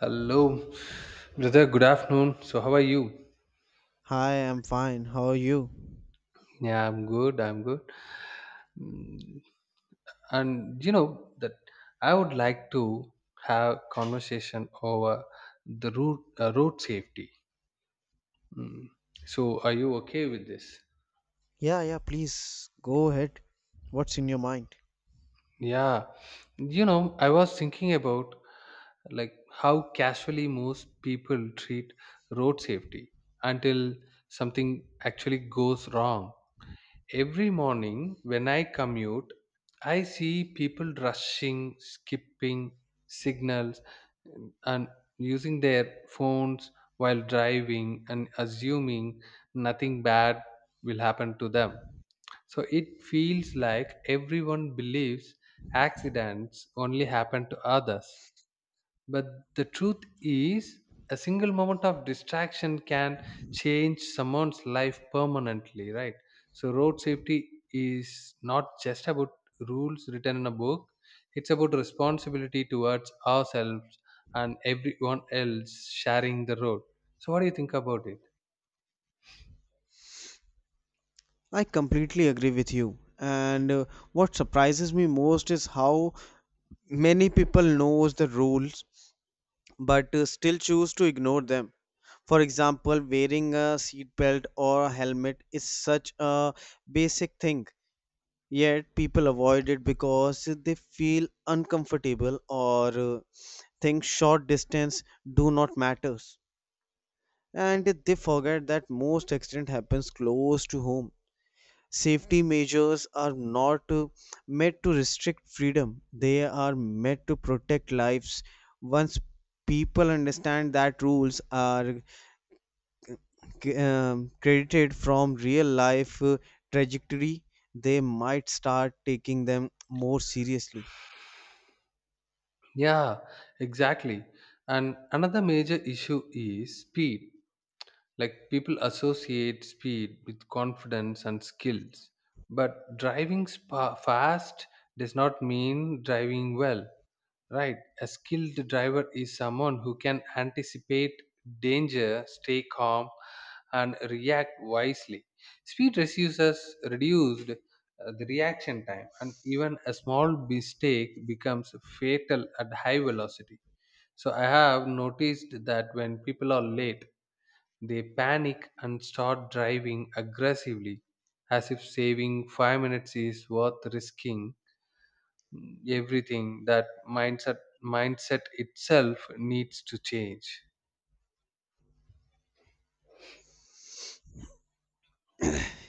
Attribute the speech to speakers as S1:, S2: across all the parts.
S1: Hello, brother. Good afternoon. So, how are you?
S2: "Hi, I'm fine. How're you?"
S1: Yeah, I'm good. And you know that I would like to have conversation over the road safety. Mm. So, are you okay with this?
S2: "Yeah, yeah, please go ahead. What's in your mind?"
S1: Yeah. I was thinking about how casually most people treat road safety until something actually goes wrong. Every morning when I commute, I see people rushing, skipping signals, and using their phones while driving and assuming nothing bad will happen to them. So it feels like everyone believes accidents only happen to others. But the truth is, a single moment of distraction can change someone's life permanently, right? So, road safety is not just about rules written in a book, it's about responsibility towards ourselves and everyone else sharing the road. So, what do you think about it?
S2: "I completely agree with you, and what surprises me most is how many people knows the rules, but still choose to ignore them. For example, wearing a seat belt or a helmet is such a basic thing, yet people avoid it because they feel uncomfortable or think short distance do not matters. And they forget that most accident happens close to home. Safety measures are not meant to restrict freedom, they are meant to protect lives. Once people understand that rules are credited from real life trajectory, they might start taking them more seriously.
S1: Yeah, exactly. And another major issue is speed. Like people associate speed with confidence and skills, but fast does not mean driving well, right? A skilled driver is someone who can anticipate danger, stay calm, and react wisely. Speed reduces reduced the reaction time, and even a small mistake becomes fatal at high velocity. So I have noticed that when people are late, they panic and start driving aggressively, as if saving 5 minutes is worth risking everything. That mindset mindset itself needs to change.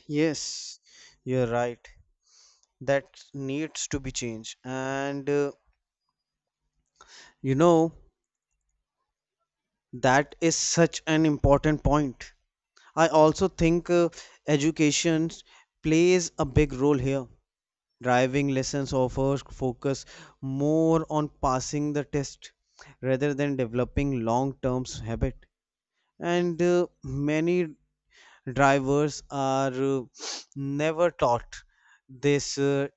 S2: Yes, you're right, that needs to be changed. And you know That is such an important point. I also think education plays a big role here. Driving lessons offer focus more on passing the test rather than developing long-term habit. And many drivers are never taught this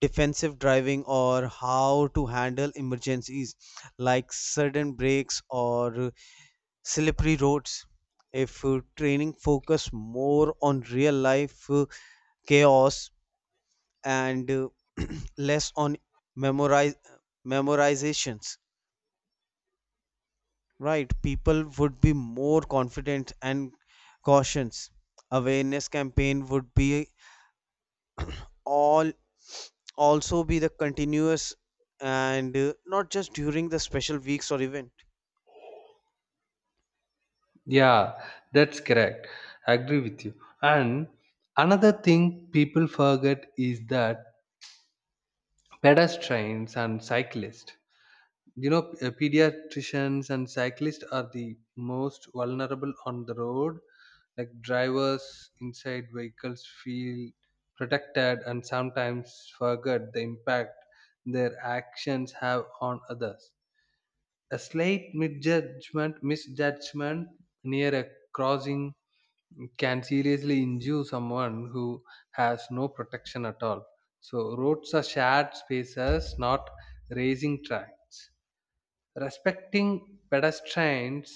S2: defensive driving or how to handle emergencies like sudden breaks or slippery roads. If training focus more on real life chaos and less on memorize memorizations, right? People would be more confident and cautious. Awareness campaign would be all also be the continuous, and not just during the special weeks or event.
S1: Yeah, that's correct. I agree with you. And another thing people forget is that pedestrians and cyclists pediatricians and cyclists are the most vulnerable on the road. Like drivers inside vehicles feel protected and sometimes forget the impact their actions have on others. Misjudgment near a crossing can seriously injure someone who has no protection at all. So roads are shared spaces, not racing tracks. Respecting pedestrians,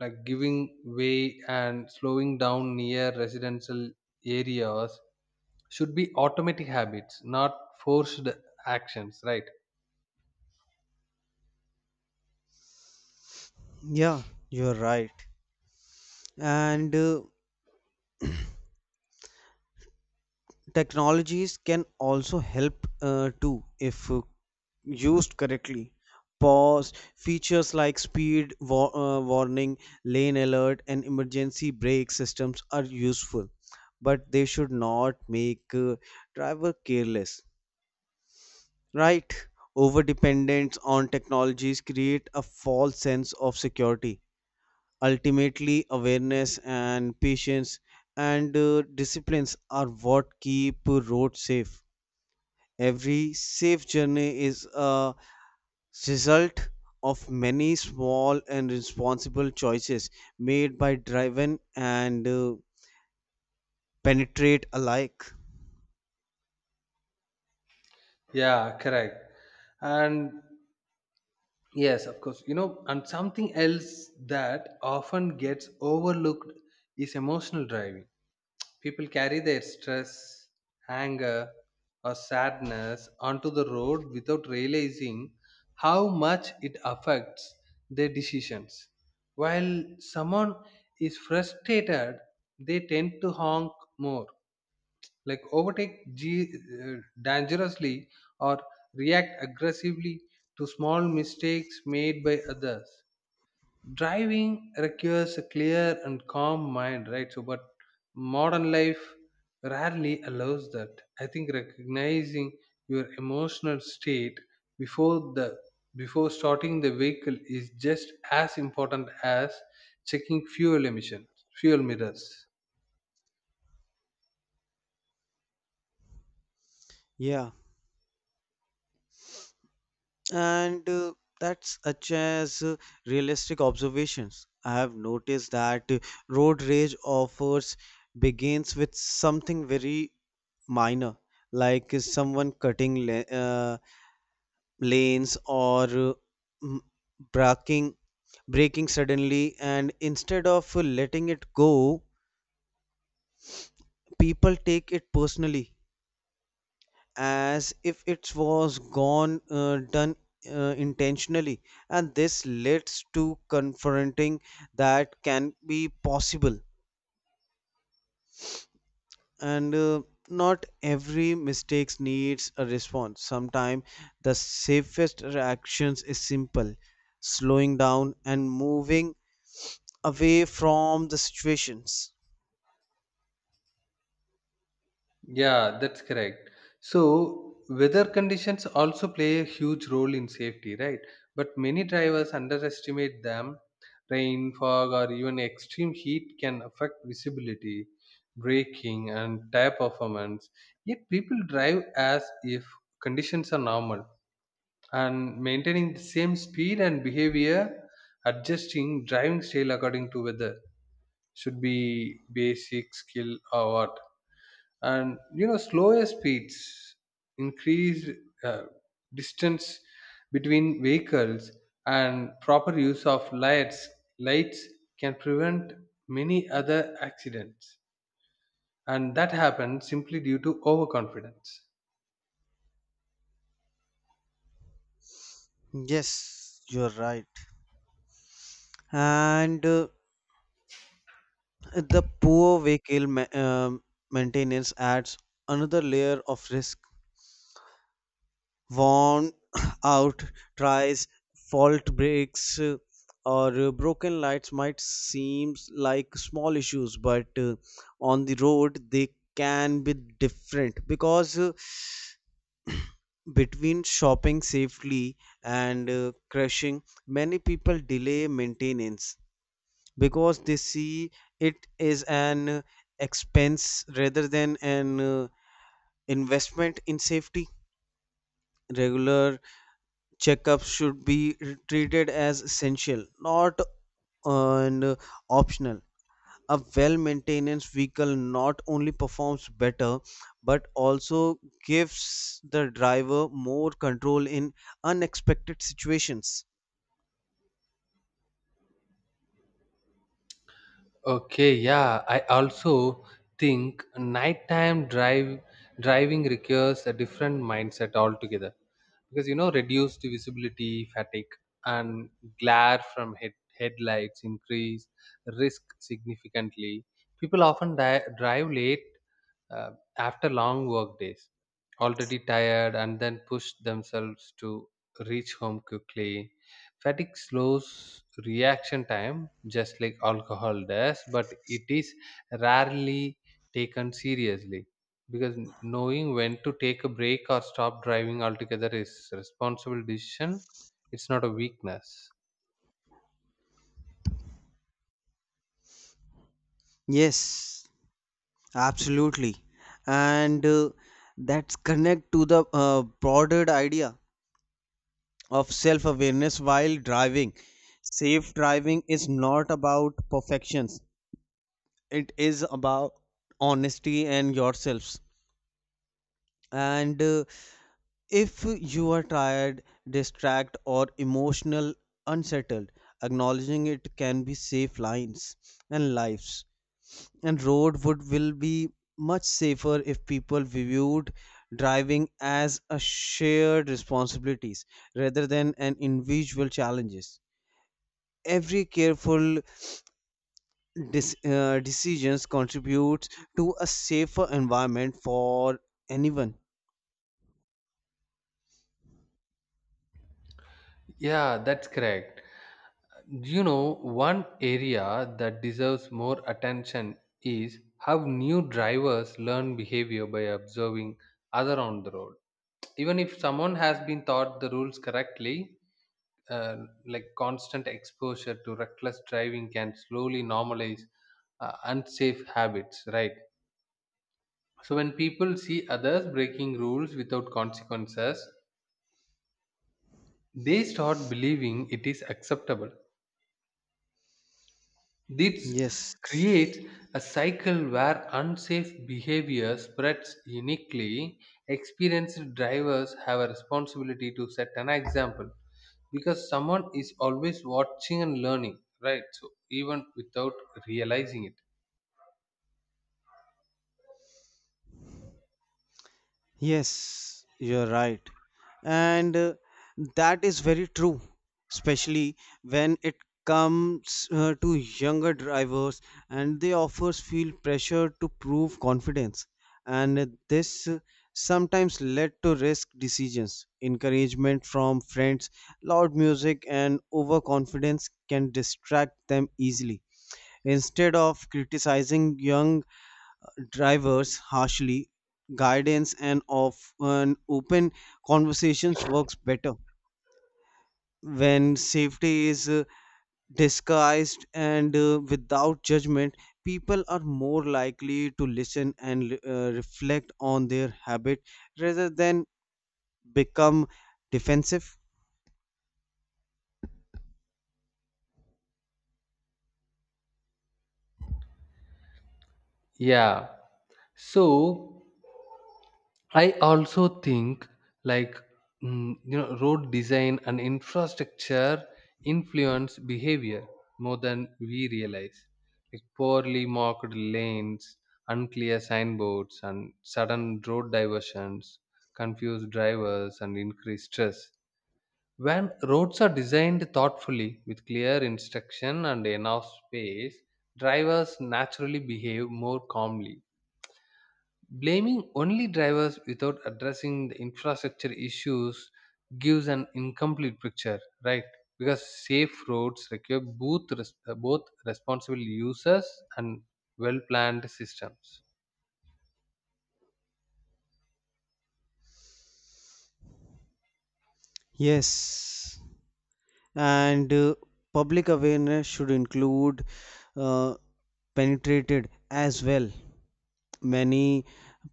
S1: like giving way and slowing down near residential areas, should be automatic habits, not forced actions, right?
S2: Yeah, you're right. And technologies can also help too if used correctly. Pause features like speed warning, lane alert, and emergency brake systems are useful, but they should not make driver careless, right? Over dependence on technologies create a false sense of security. Ultimately, awareness and patience and disciplines are what keep roads safe. Every safe journey is a result of many small and responsible choices made by driven and penetrate alike.
S1: Yeah, correct. And yes, of course. And something else that often gets overlooked is emotional driving. People carry their stress, anger, or sadness onto the road without realizing how much it affects their decisions. While someone is frustrated, they tend to honk more, like uh, dangerously or react aggressively to small mistakes made by others. Driving requires a clear and calm mind, right? So but modern life rarely allows that. I think recognizing your emotional state before the before starting the vehicle is just as important as checking fuel emissions fuel mirrors.
S2: Yeah, and that's such as realistic observations. I have noticed that road rage offers begins with something very minor, like someone cutting lanes or braking breaking suddenly, and instead of letting it go, people take it personally as if it was gone done intentionally, and this leads to confronting that can be possible. And not every mistakes needs a response. Sometimes the safest reactions is simple slowing down and moving away from the situations.
S1: Yeah, that's correct. So, weather conditions also play a huge role in safety, right? But many drivers underestimate them. Rain, fog, or even extreme heat can affect visibility, braking, and tire performance. Yet, people drive as if conditions are normal and maintaining the same speed and behavior. Adjusting driving style according to weather should be basic skill or what? And you know slower speeds, increased uh, distance between vehicles, and proper use of lights can prevent many other accidents, and that happens simply due to overconfidence.
S2: Yes, you're right. And the poor vehicle maintenance adds another layer of risk. Worn out tires, fault brakes, or broken lights might seem like small issues, but on the road they can be different because. Between shopping safely and crushing, many people delay maintenance because they see it as an expense rather than an investment in safety. Regular checkups should be treated as essential, not an optional. A well maintained vehicle not only performs better but also gives the driver more control in unexpected situations.
S1: Okay, yeah. I also think nighttime drive driving requires a different mindset altogether because you know reduced visibility, fatigue, and glare from headlights increase risk significantly. People often drive late uh, after long work days, already tired, and then push themselves to reach home quickly. Fatigue slows reaction time just like alcohol does, but it is rarely taken seriously because knowing when to take a break or stop driving altogether is responsible decision. It's not a weakness.
S2: Yes, absolutely. And that's connect to the broader idea of self awareness while driving. Safe driving is not about perfections, it is about honesty and yourselves. And if you are tired, distracted, or emotional unsettled, acknowledging it can be save lines and lives. And road would will be much safer if people viewed driving as a shared responsibilities rather than an individual challenges. Every careful decisions contributes to a safer environment for anyone.
S1: Yeah, that's correct. You know, one area that deserves more attention is how new drivers learn behavior by observing other on the road. Even if someone has been taught the rules correctly, uh, like constant exposure to reckless driving can slowly normalize unsafe habits, right? So when people see others breaking rules without consequences, they start believing it is acceptable. This
S2: Yes.
S1: creates a cycle where unsafe behavior spreads uniquely. Experienced drivers have a responsibility to set an example because someone is always watching and learning, right? So, even without realizing it.
S2: Yes, you're right. And that is very true, especially when it comes to younger drivers, and they offers feel pressure to prove confidence. And this sometimes led to risk decisions. Encouragement from friends, loud music, and overconfidence can distract them easily. Instead of criticizing young drivers harshly, guidance and often open conversations works better. When safety is disguised and without judgment, people are more likely to listen and reflect on their habit rather than become defensive.
S1: Yeah. So, I also think like you know road design and infrastructure influence behavior more than we realize. Like poorly marked lanes, unclear signboards, and sudden road diversions confuse drivers and increase stress. When roads are designed thoughtfully with clear instruction and enough space, drivers naturally behave more calmly. Blaming only drivers without addressing the infrastructure issues gives an incomplete picture, right? Because safe roads require both responsible users and well-planned systems.
S2: Yes, and public awareness should include uh, penetrated as well. Many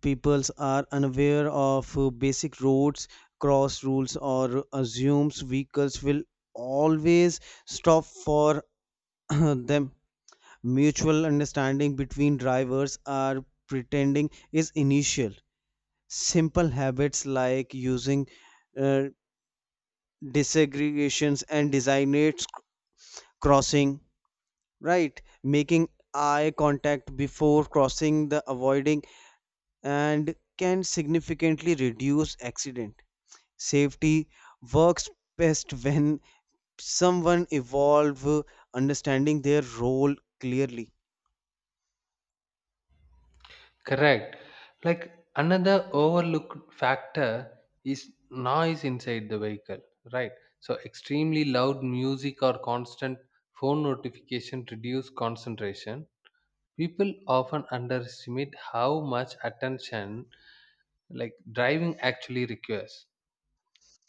S2: peoples are unaware of basic roads cross rules or assumes vehicles will always stop for them. Mutual understanding between drivers are pretending is initial. Simple habits like using uh, desegregations and designates crossing, right? Making eye contact before crossing the avoiding and can significantly reduce accident. Safety works best when someone evolve understanding their role clearly.
S1: Correct. Like another overlooked factor is noise inside the vehicle, right? So extremely loud music or constant phone notification reduce concentration. People often underestimate how much attention like driving actually requires.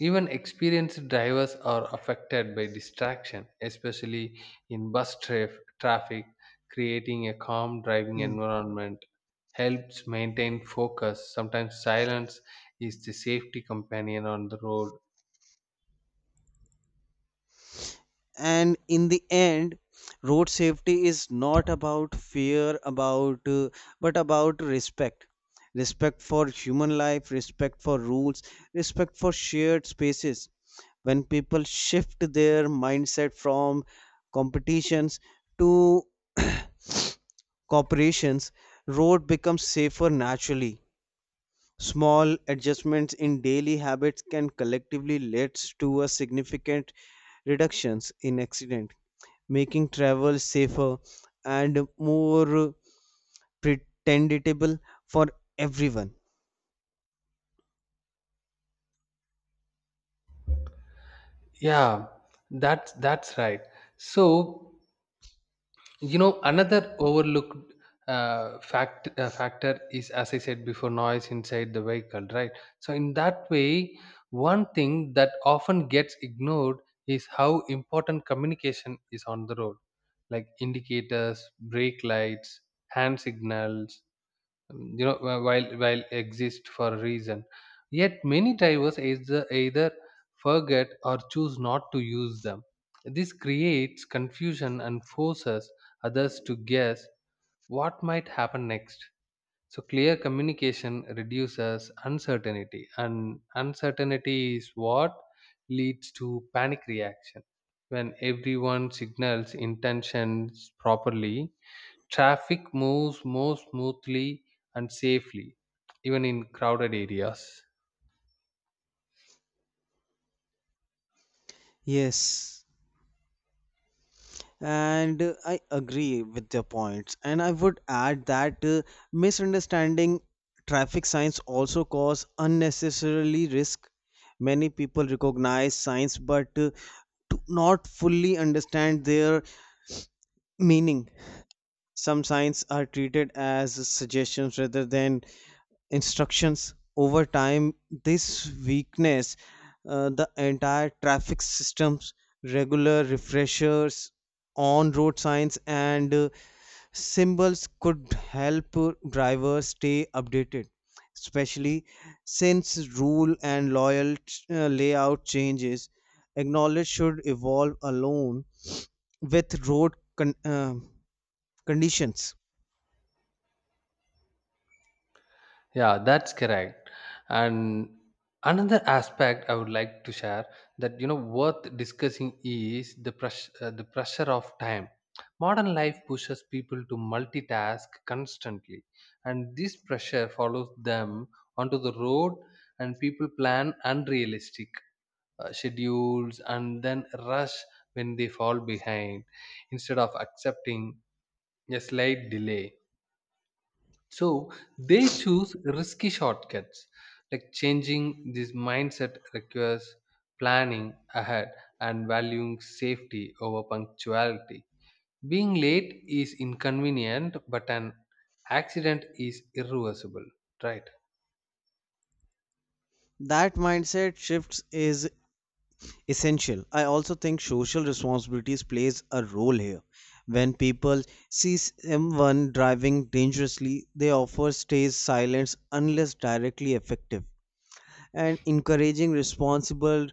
S1: Even experienced drivers are affected by distraction, especially in traffic. Creating a calm driving
S2: Hmm.
S1: environment helps maintain focus. Sometimes silence is the safety companion on the road.
S2: And in the end, road safety is not about fear about but about respect. Respect for human life, respect for rules, respect for shared spaces. When people shift their mindset from competitions to corporations, road becomes safer naturally. Small adjustments in daily habits can collectively lead to a significant reductions in accident, making travel safer and more pretendable for everyone.
S1: Yeah, that's right. So you know another overlooked factor is, as I said before, noise inside the vehicle, right? So in that way one thing that often gets ignored is how important communication is on the road, like indicators, brake lights, hand signals, you know while exist for a reason, yet many drivers either forget or choose not to use them. This creates confusion and forces others to guess what might happen next. So clear communication reduces uncertainty, and uncertainty is what leads to panic reaction. When everyone signals intentions properly, traffic moves more smoothly and safely, even in crowded areas.
S2: Yes. And I agree with your points. And I would add that misunderstanding traffic signs also cause unnecessarily risk. Many people recognize signs but do not fully understand their meaning. Some signs are treated as suggestions rather than instructions. Over time this weakness the entire traffic systems. Regular refreshers on road signs and symbols could help drivers stay updated, especially since rule and loyal layout changes. Acknowledge should evolve alone with road conditions.
S1: Yeah, that's correct. And another aspect I would like to share that you know worth discussing is the pressure of time. Modern life pushes people to multitask constantly, and this pressure follows them onto the road, and people plan unrealistic schedules and then rush when they fall behind instead of accepting a slight delay. So they choose risky shortcuts. Like changing this mindset requires planning ahead and valuing safety over punctuality. Being late is inconvenient, but an accident is irreversible, right?
S2: That mindset shifts is essential. I also think social responsibilities plays a role here. When people see someone driving dangerously, they often stays silent unless directly effective. And encouraging responsible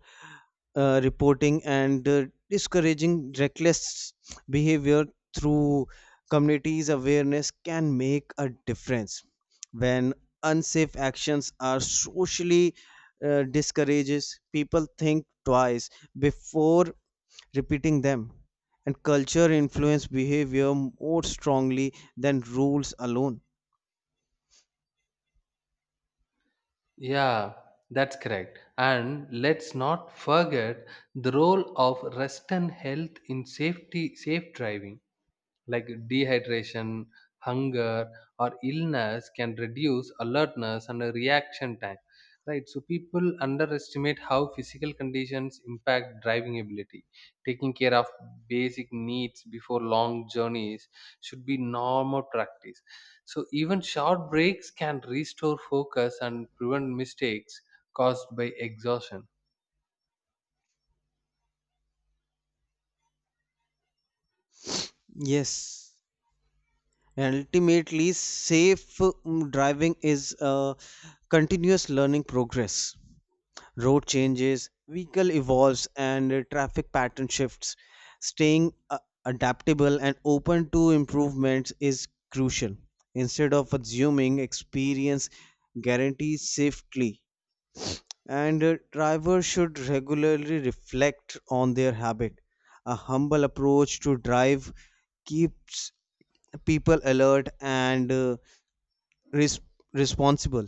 S2: reporting and discouraging reckless behavior through communities awareness can make a difference. When unsafe actions are socially discourages, people think twice before repeating them, and culture influence behavior more strongly than rules alone.
S1: Yeah, that's correct. And let's not forget the role of rest and health in safe driving, like dehydration, hunger, or illness can reduce alertness and reaction time. Right, so people underestimate how physical conditions impact driving ability. Taking care of basic needs before long journeys should be normal practice. So, even short breaks can restore focus and prevent mistakes caused by exhaustion.
S2: Yes. And ultimately, safe driving is a continuous learning progress. Road changes, vehicle evolves, and traffic pattern shifts. Staying adaptable and open to improvements is crucial. Instead of assuming experience guarantees safety, and drivers should regularly reflect on their habit. A humble approach to drive keeps people alert and res- responsible,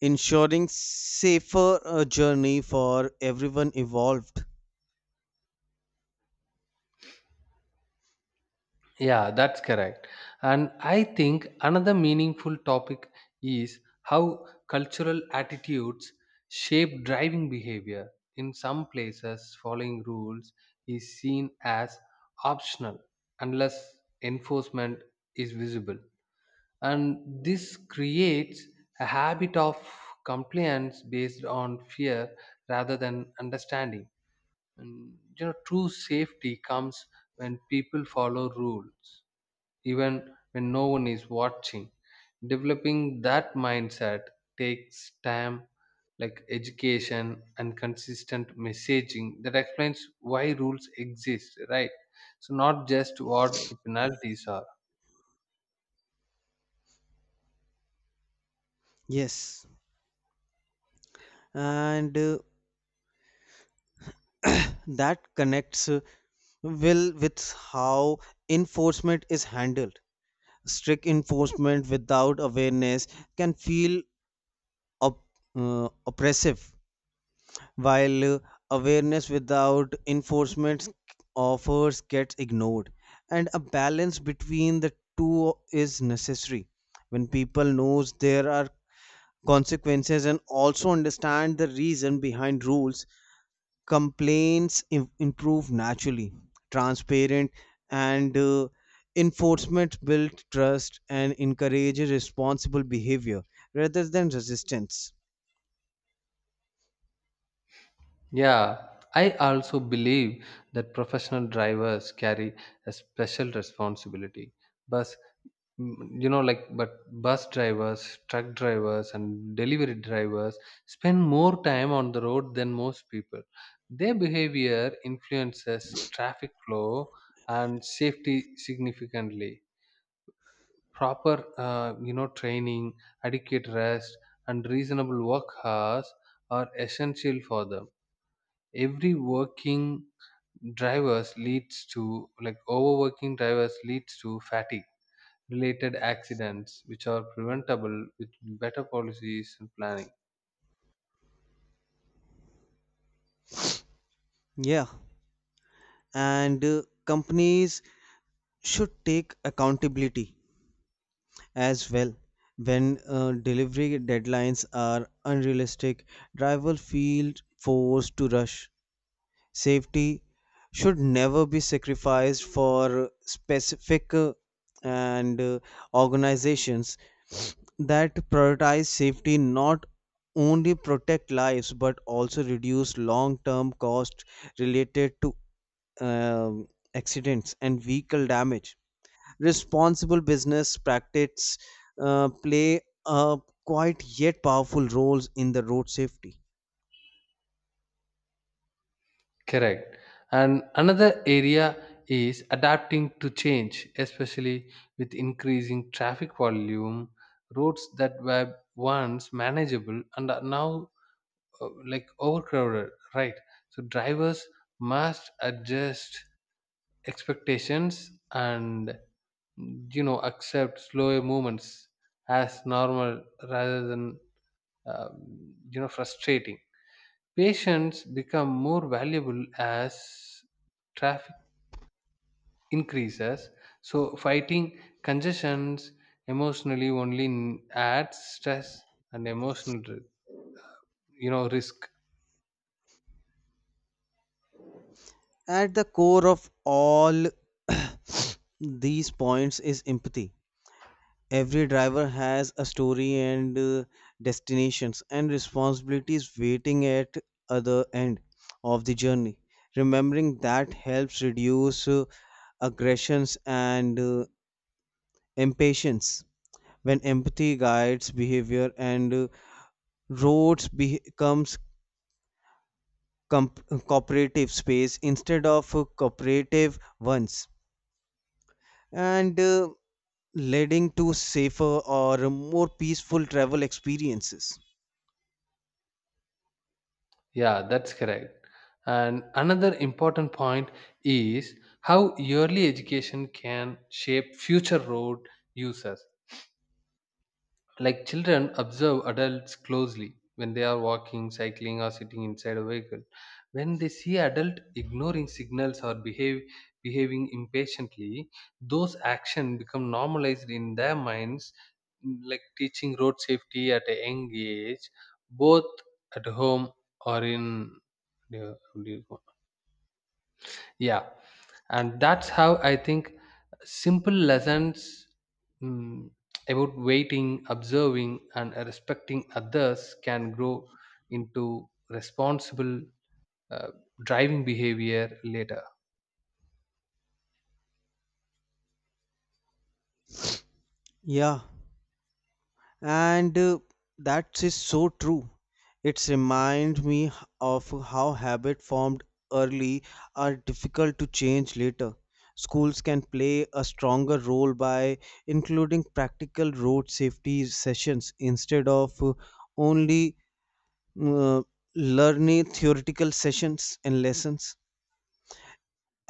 S2: ensuring safer journey for everyone involved.
S1: Yeah, that's correct. And I think another meaningful topic is how cultural attitudes shape driving behavior. In some places, following rules is seen as optional unless enforcement is visible. And this creates a habit of compliance based on fear rather than understanding. And, you know, true safety comes when people follow rules even when no one is watching. Developing that mindset takes time, like education and consistent messaging that explains why rules exist, right? So, not just what the penalties are.
S2: Yes, and that connects well with how enforcement is handled. Strict enforcement without awareness can feel op- oppressive, while awareness without enforcement offers gets ignored, and a balance between the two is necessary. When people knows there are consequences and also understand the reason behind rules, complaints improve naturally. Transparent and enforcement build trust and encourages responsible behavior rather than resistance.
S1: Yeah, I also believe that professional drivers carry a special responsibility. Bus you know like but bus drivers, truck drivers, and delivery drivers spend more time on the road than most people. Their behavior influences traffic flow and safety significantly. Proper you know training, adequate rest, and reasonable work hours are essential for them. Every working drivers leads to like Overworking drivers leads to fatigue related accidents, which are preventable with better policies and planning.
S2: Yeah, and companies should take accountability as well. When delivery deadlines are unrealistic, drivers feel forced to rush. Safety should never be sacrificed for specific and organizations that prioritize safety not only protect lives but also reduce long term costs related to um accidents and vehicle damage. Responsible business practices play a quiet yet powerful roles in the road safety.
S1: Correct. And another area is adapting to change, especially with increasing traffic volume. Roads that were once manageable and are now like overcrowded, right? So drivers must adjust expectations and, you know, accept slower movements as normal rather than you know frustrating. Patients become more valuable as traffic increases. So fighting congestions emotionally only adds stress and you know risk.
S2: At the core of all these points is empathy. Every driver has a story and destinations and responsibilities waiting at other end of the journey. Remembering that helps reduce aggressions and impatience. When empathy guides behavior and roads becomes cooperative space instead of cooperative ones, and leading to safer or more peaceful travel experiences.
S1: Yeah, that's correct. And another important point is how early education can shape future road users. Like children observe adults closely when they are walking, cycling, or sitting inside a vehicle. When they see adult ignoring signals or behave behaving impatiently, those actions become normalized in their minds. Like teaching road safety at a young age, both at home or in, yeah, and that's how I think simple lessons, mm, about waiting, observing, and respecting others can grow into responsible uh, driving behavior later.
S2: Yeah, and that is so true. It reminds me of how habits formed early are difficult to change later. Schools can play a stronger role by including practical road safety sessions instead of only uh, learning theoretical sessions and lessons.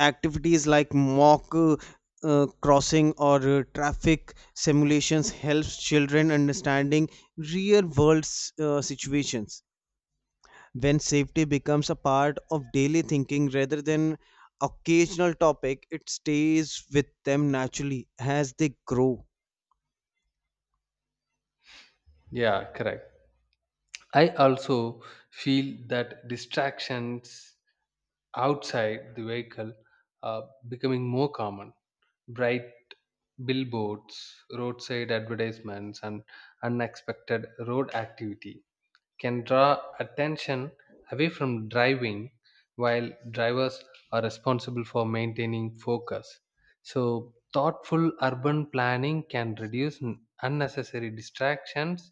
S2: Activities like mock crossing or traffic simulations helps children understanding real world situations. When safety becomes a part of daily thinking rather than occasional topic, it stays with them naturally as they grow.
S1: Yeah, correct. I also feel that distractions outside the vehicle are becoming more common. Bright billboards, roadside advertisements, and unexpected road activity can draw attention away from driving while drivers are responsible for maintaining focus. So, thoughtful urban planning can reduce unnecessary distractions,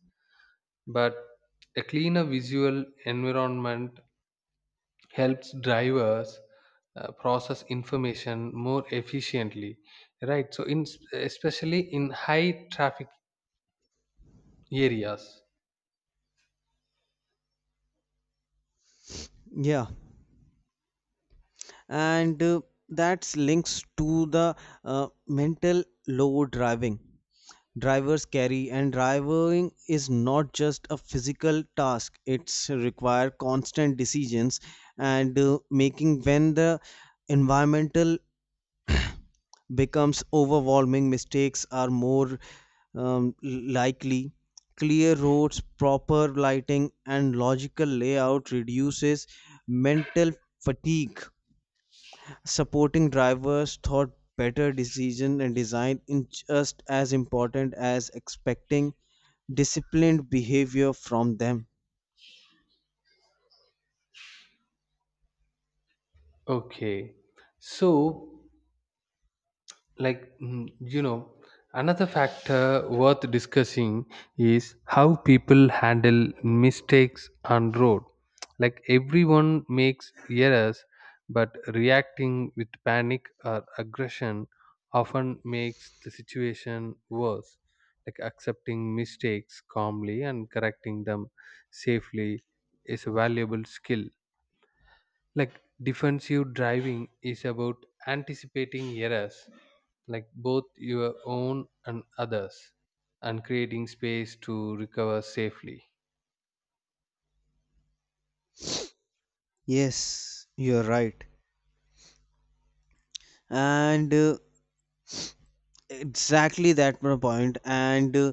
S1: but a cleaner visual environment helps drivers process information more efficiently, right? So in, especially in high traffic areas.
S2: Yeah, and that's links to the mental load driving drivers carry, and driving is not just a physical task. It's require constant decisions and making. When the environmental becomes overwhelming, mistakes are more um, likely. Clear roads, proper lighting, and logical layout reduces mental fatigue. Supporting drivers thought better decision and design in just as important as expecting disciplined behavior from them.
S1: Okay, so like, you know, another factor worth discussing is how people handle mistakes on road. Like everyone makes errors, but reacting with panic or aggression often makes the situation worse. Like accepting mistakes calmly and correcting them safely is a valuable skill. Like defensive driving is about anticipating errors, like both your own and others, and creating space to recover safely.
S2: Yes, you're right. And exactly that my point. And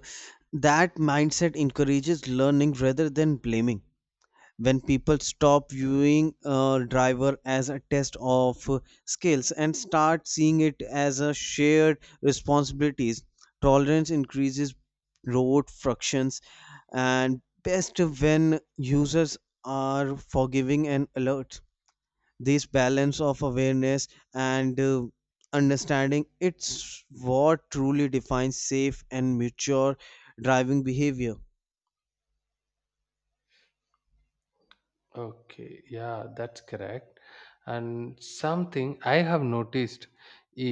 S2: that mindset encourages learning rather than blaming. When people stop viewing a driver as a test of skills and start seeing it as a shared responsibilities, tolerance increases. Road frictions and best when users are forgiving and alert. This balance of awareness and understanding it's what truly defines safe and mature driving behavior.
S1: Okay, yeah, that's correct. And something I have noticed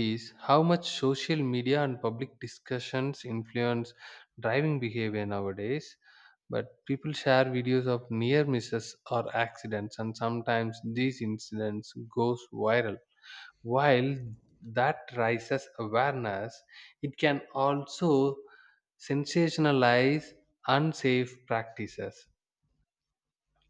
S1: is how much social media and public discussions influence driving behavior nowadays. But people share videos of near misses or accidents, and sometimes these incidents goes viral. While that raises awareness, it can also sensationalize unsafe practices.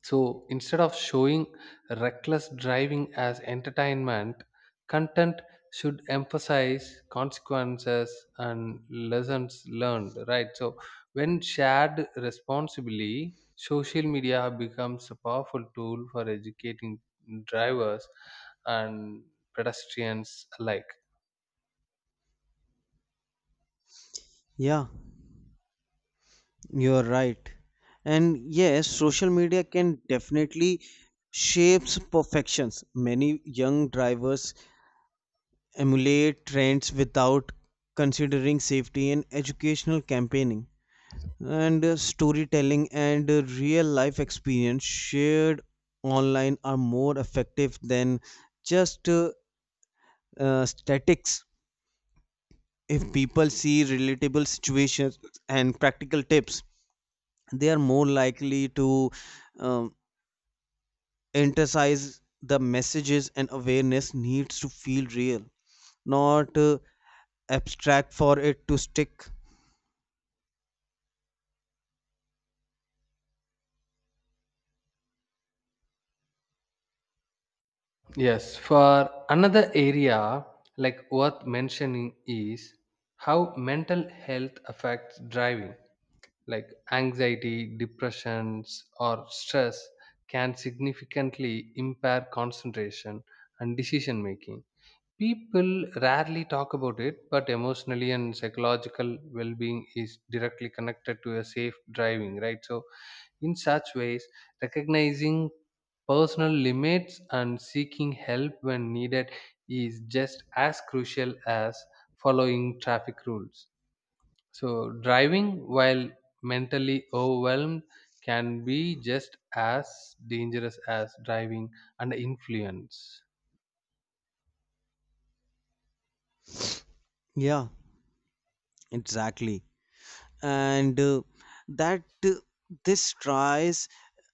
S1: So instead of showing reckless driving as entertainment, content should emphasize consequences and lessons learned, right? So when shared responsibly, social media becomes a powerful tool for educating drivers and pedestrians alike.
S2: Yeah. You're right. And yes, social media can definitely shapes perfections. Many young drivers emulate trends without considering safety, and educational campaigning and storytelling and real life experience shared online are more effective than just statics. If people see relatable situations and practical tips, they are more likely to um, emphasize the messages, and awareness needs to feel real, not abstract for it to stick.
S1: Yes, for another area like worth mentioning is how mental health affects driving. Like anxiety, depressions, or stress can significantly impair concentration and decision making. People rarely talk about it, but emotionally and psychological well being is directly connected to a safe driving, right? So, in such ways, recognizing personal limits and seeking help when needed is just as crucial as following traffic rules. So, driving while mentally overwhelmed can be just as dangerous as driving under influence.
S2: Yeah, exactly. And that this tries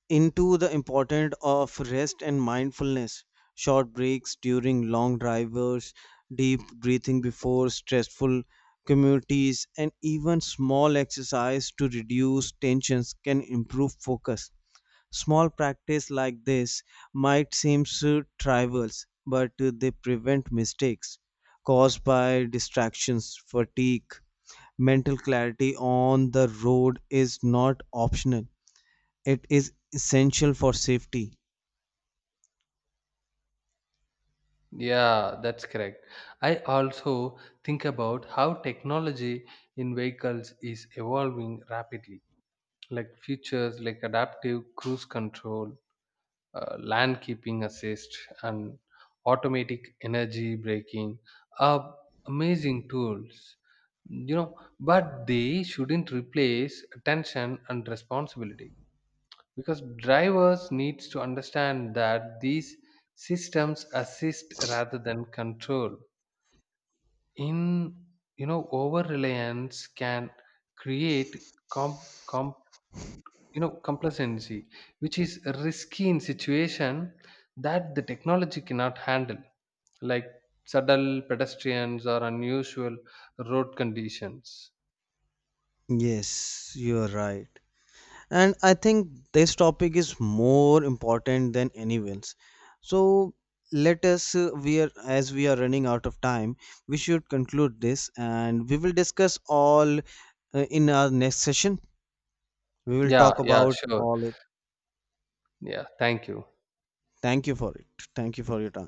S2: into the importance of rest and mindfulness. Short breaks during long drivers, deep breathing before stressful communities, and even small exercise to reduce tensions can improve focus. Small practice like this might seem so trivial, but they prevent mistakes caused by distractions, fatigue. Mental clarity on the road is not optional, it is essential for safety.
S1: Yeah, that's correct. I also think about how technology in vehicles is evolving rapidly, like features like adaptive cruise control, land keeping assist, and automatic energy braking are amazing tools. You know, but they shouldn't replace attention and responsibility because drivers needs to understand that these systems assist rather than control. In you know over reliance can create com com you know complacency which is risky in situation that the technology cannot handle, like subtle pedestrians or unusual road conditions.
S2: Yes, you are right. And I think this topic is more important than anyone's. So let us we are, as we are running out of time, we should conclude this, and we will discuss all in our next session. We will talk
S1: Yeah,
S2: about
S1: sure.
S2: all it.
S1: Yeah, thank you.
S2: Thank you for it. Thank you for your time.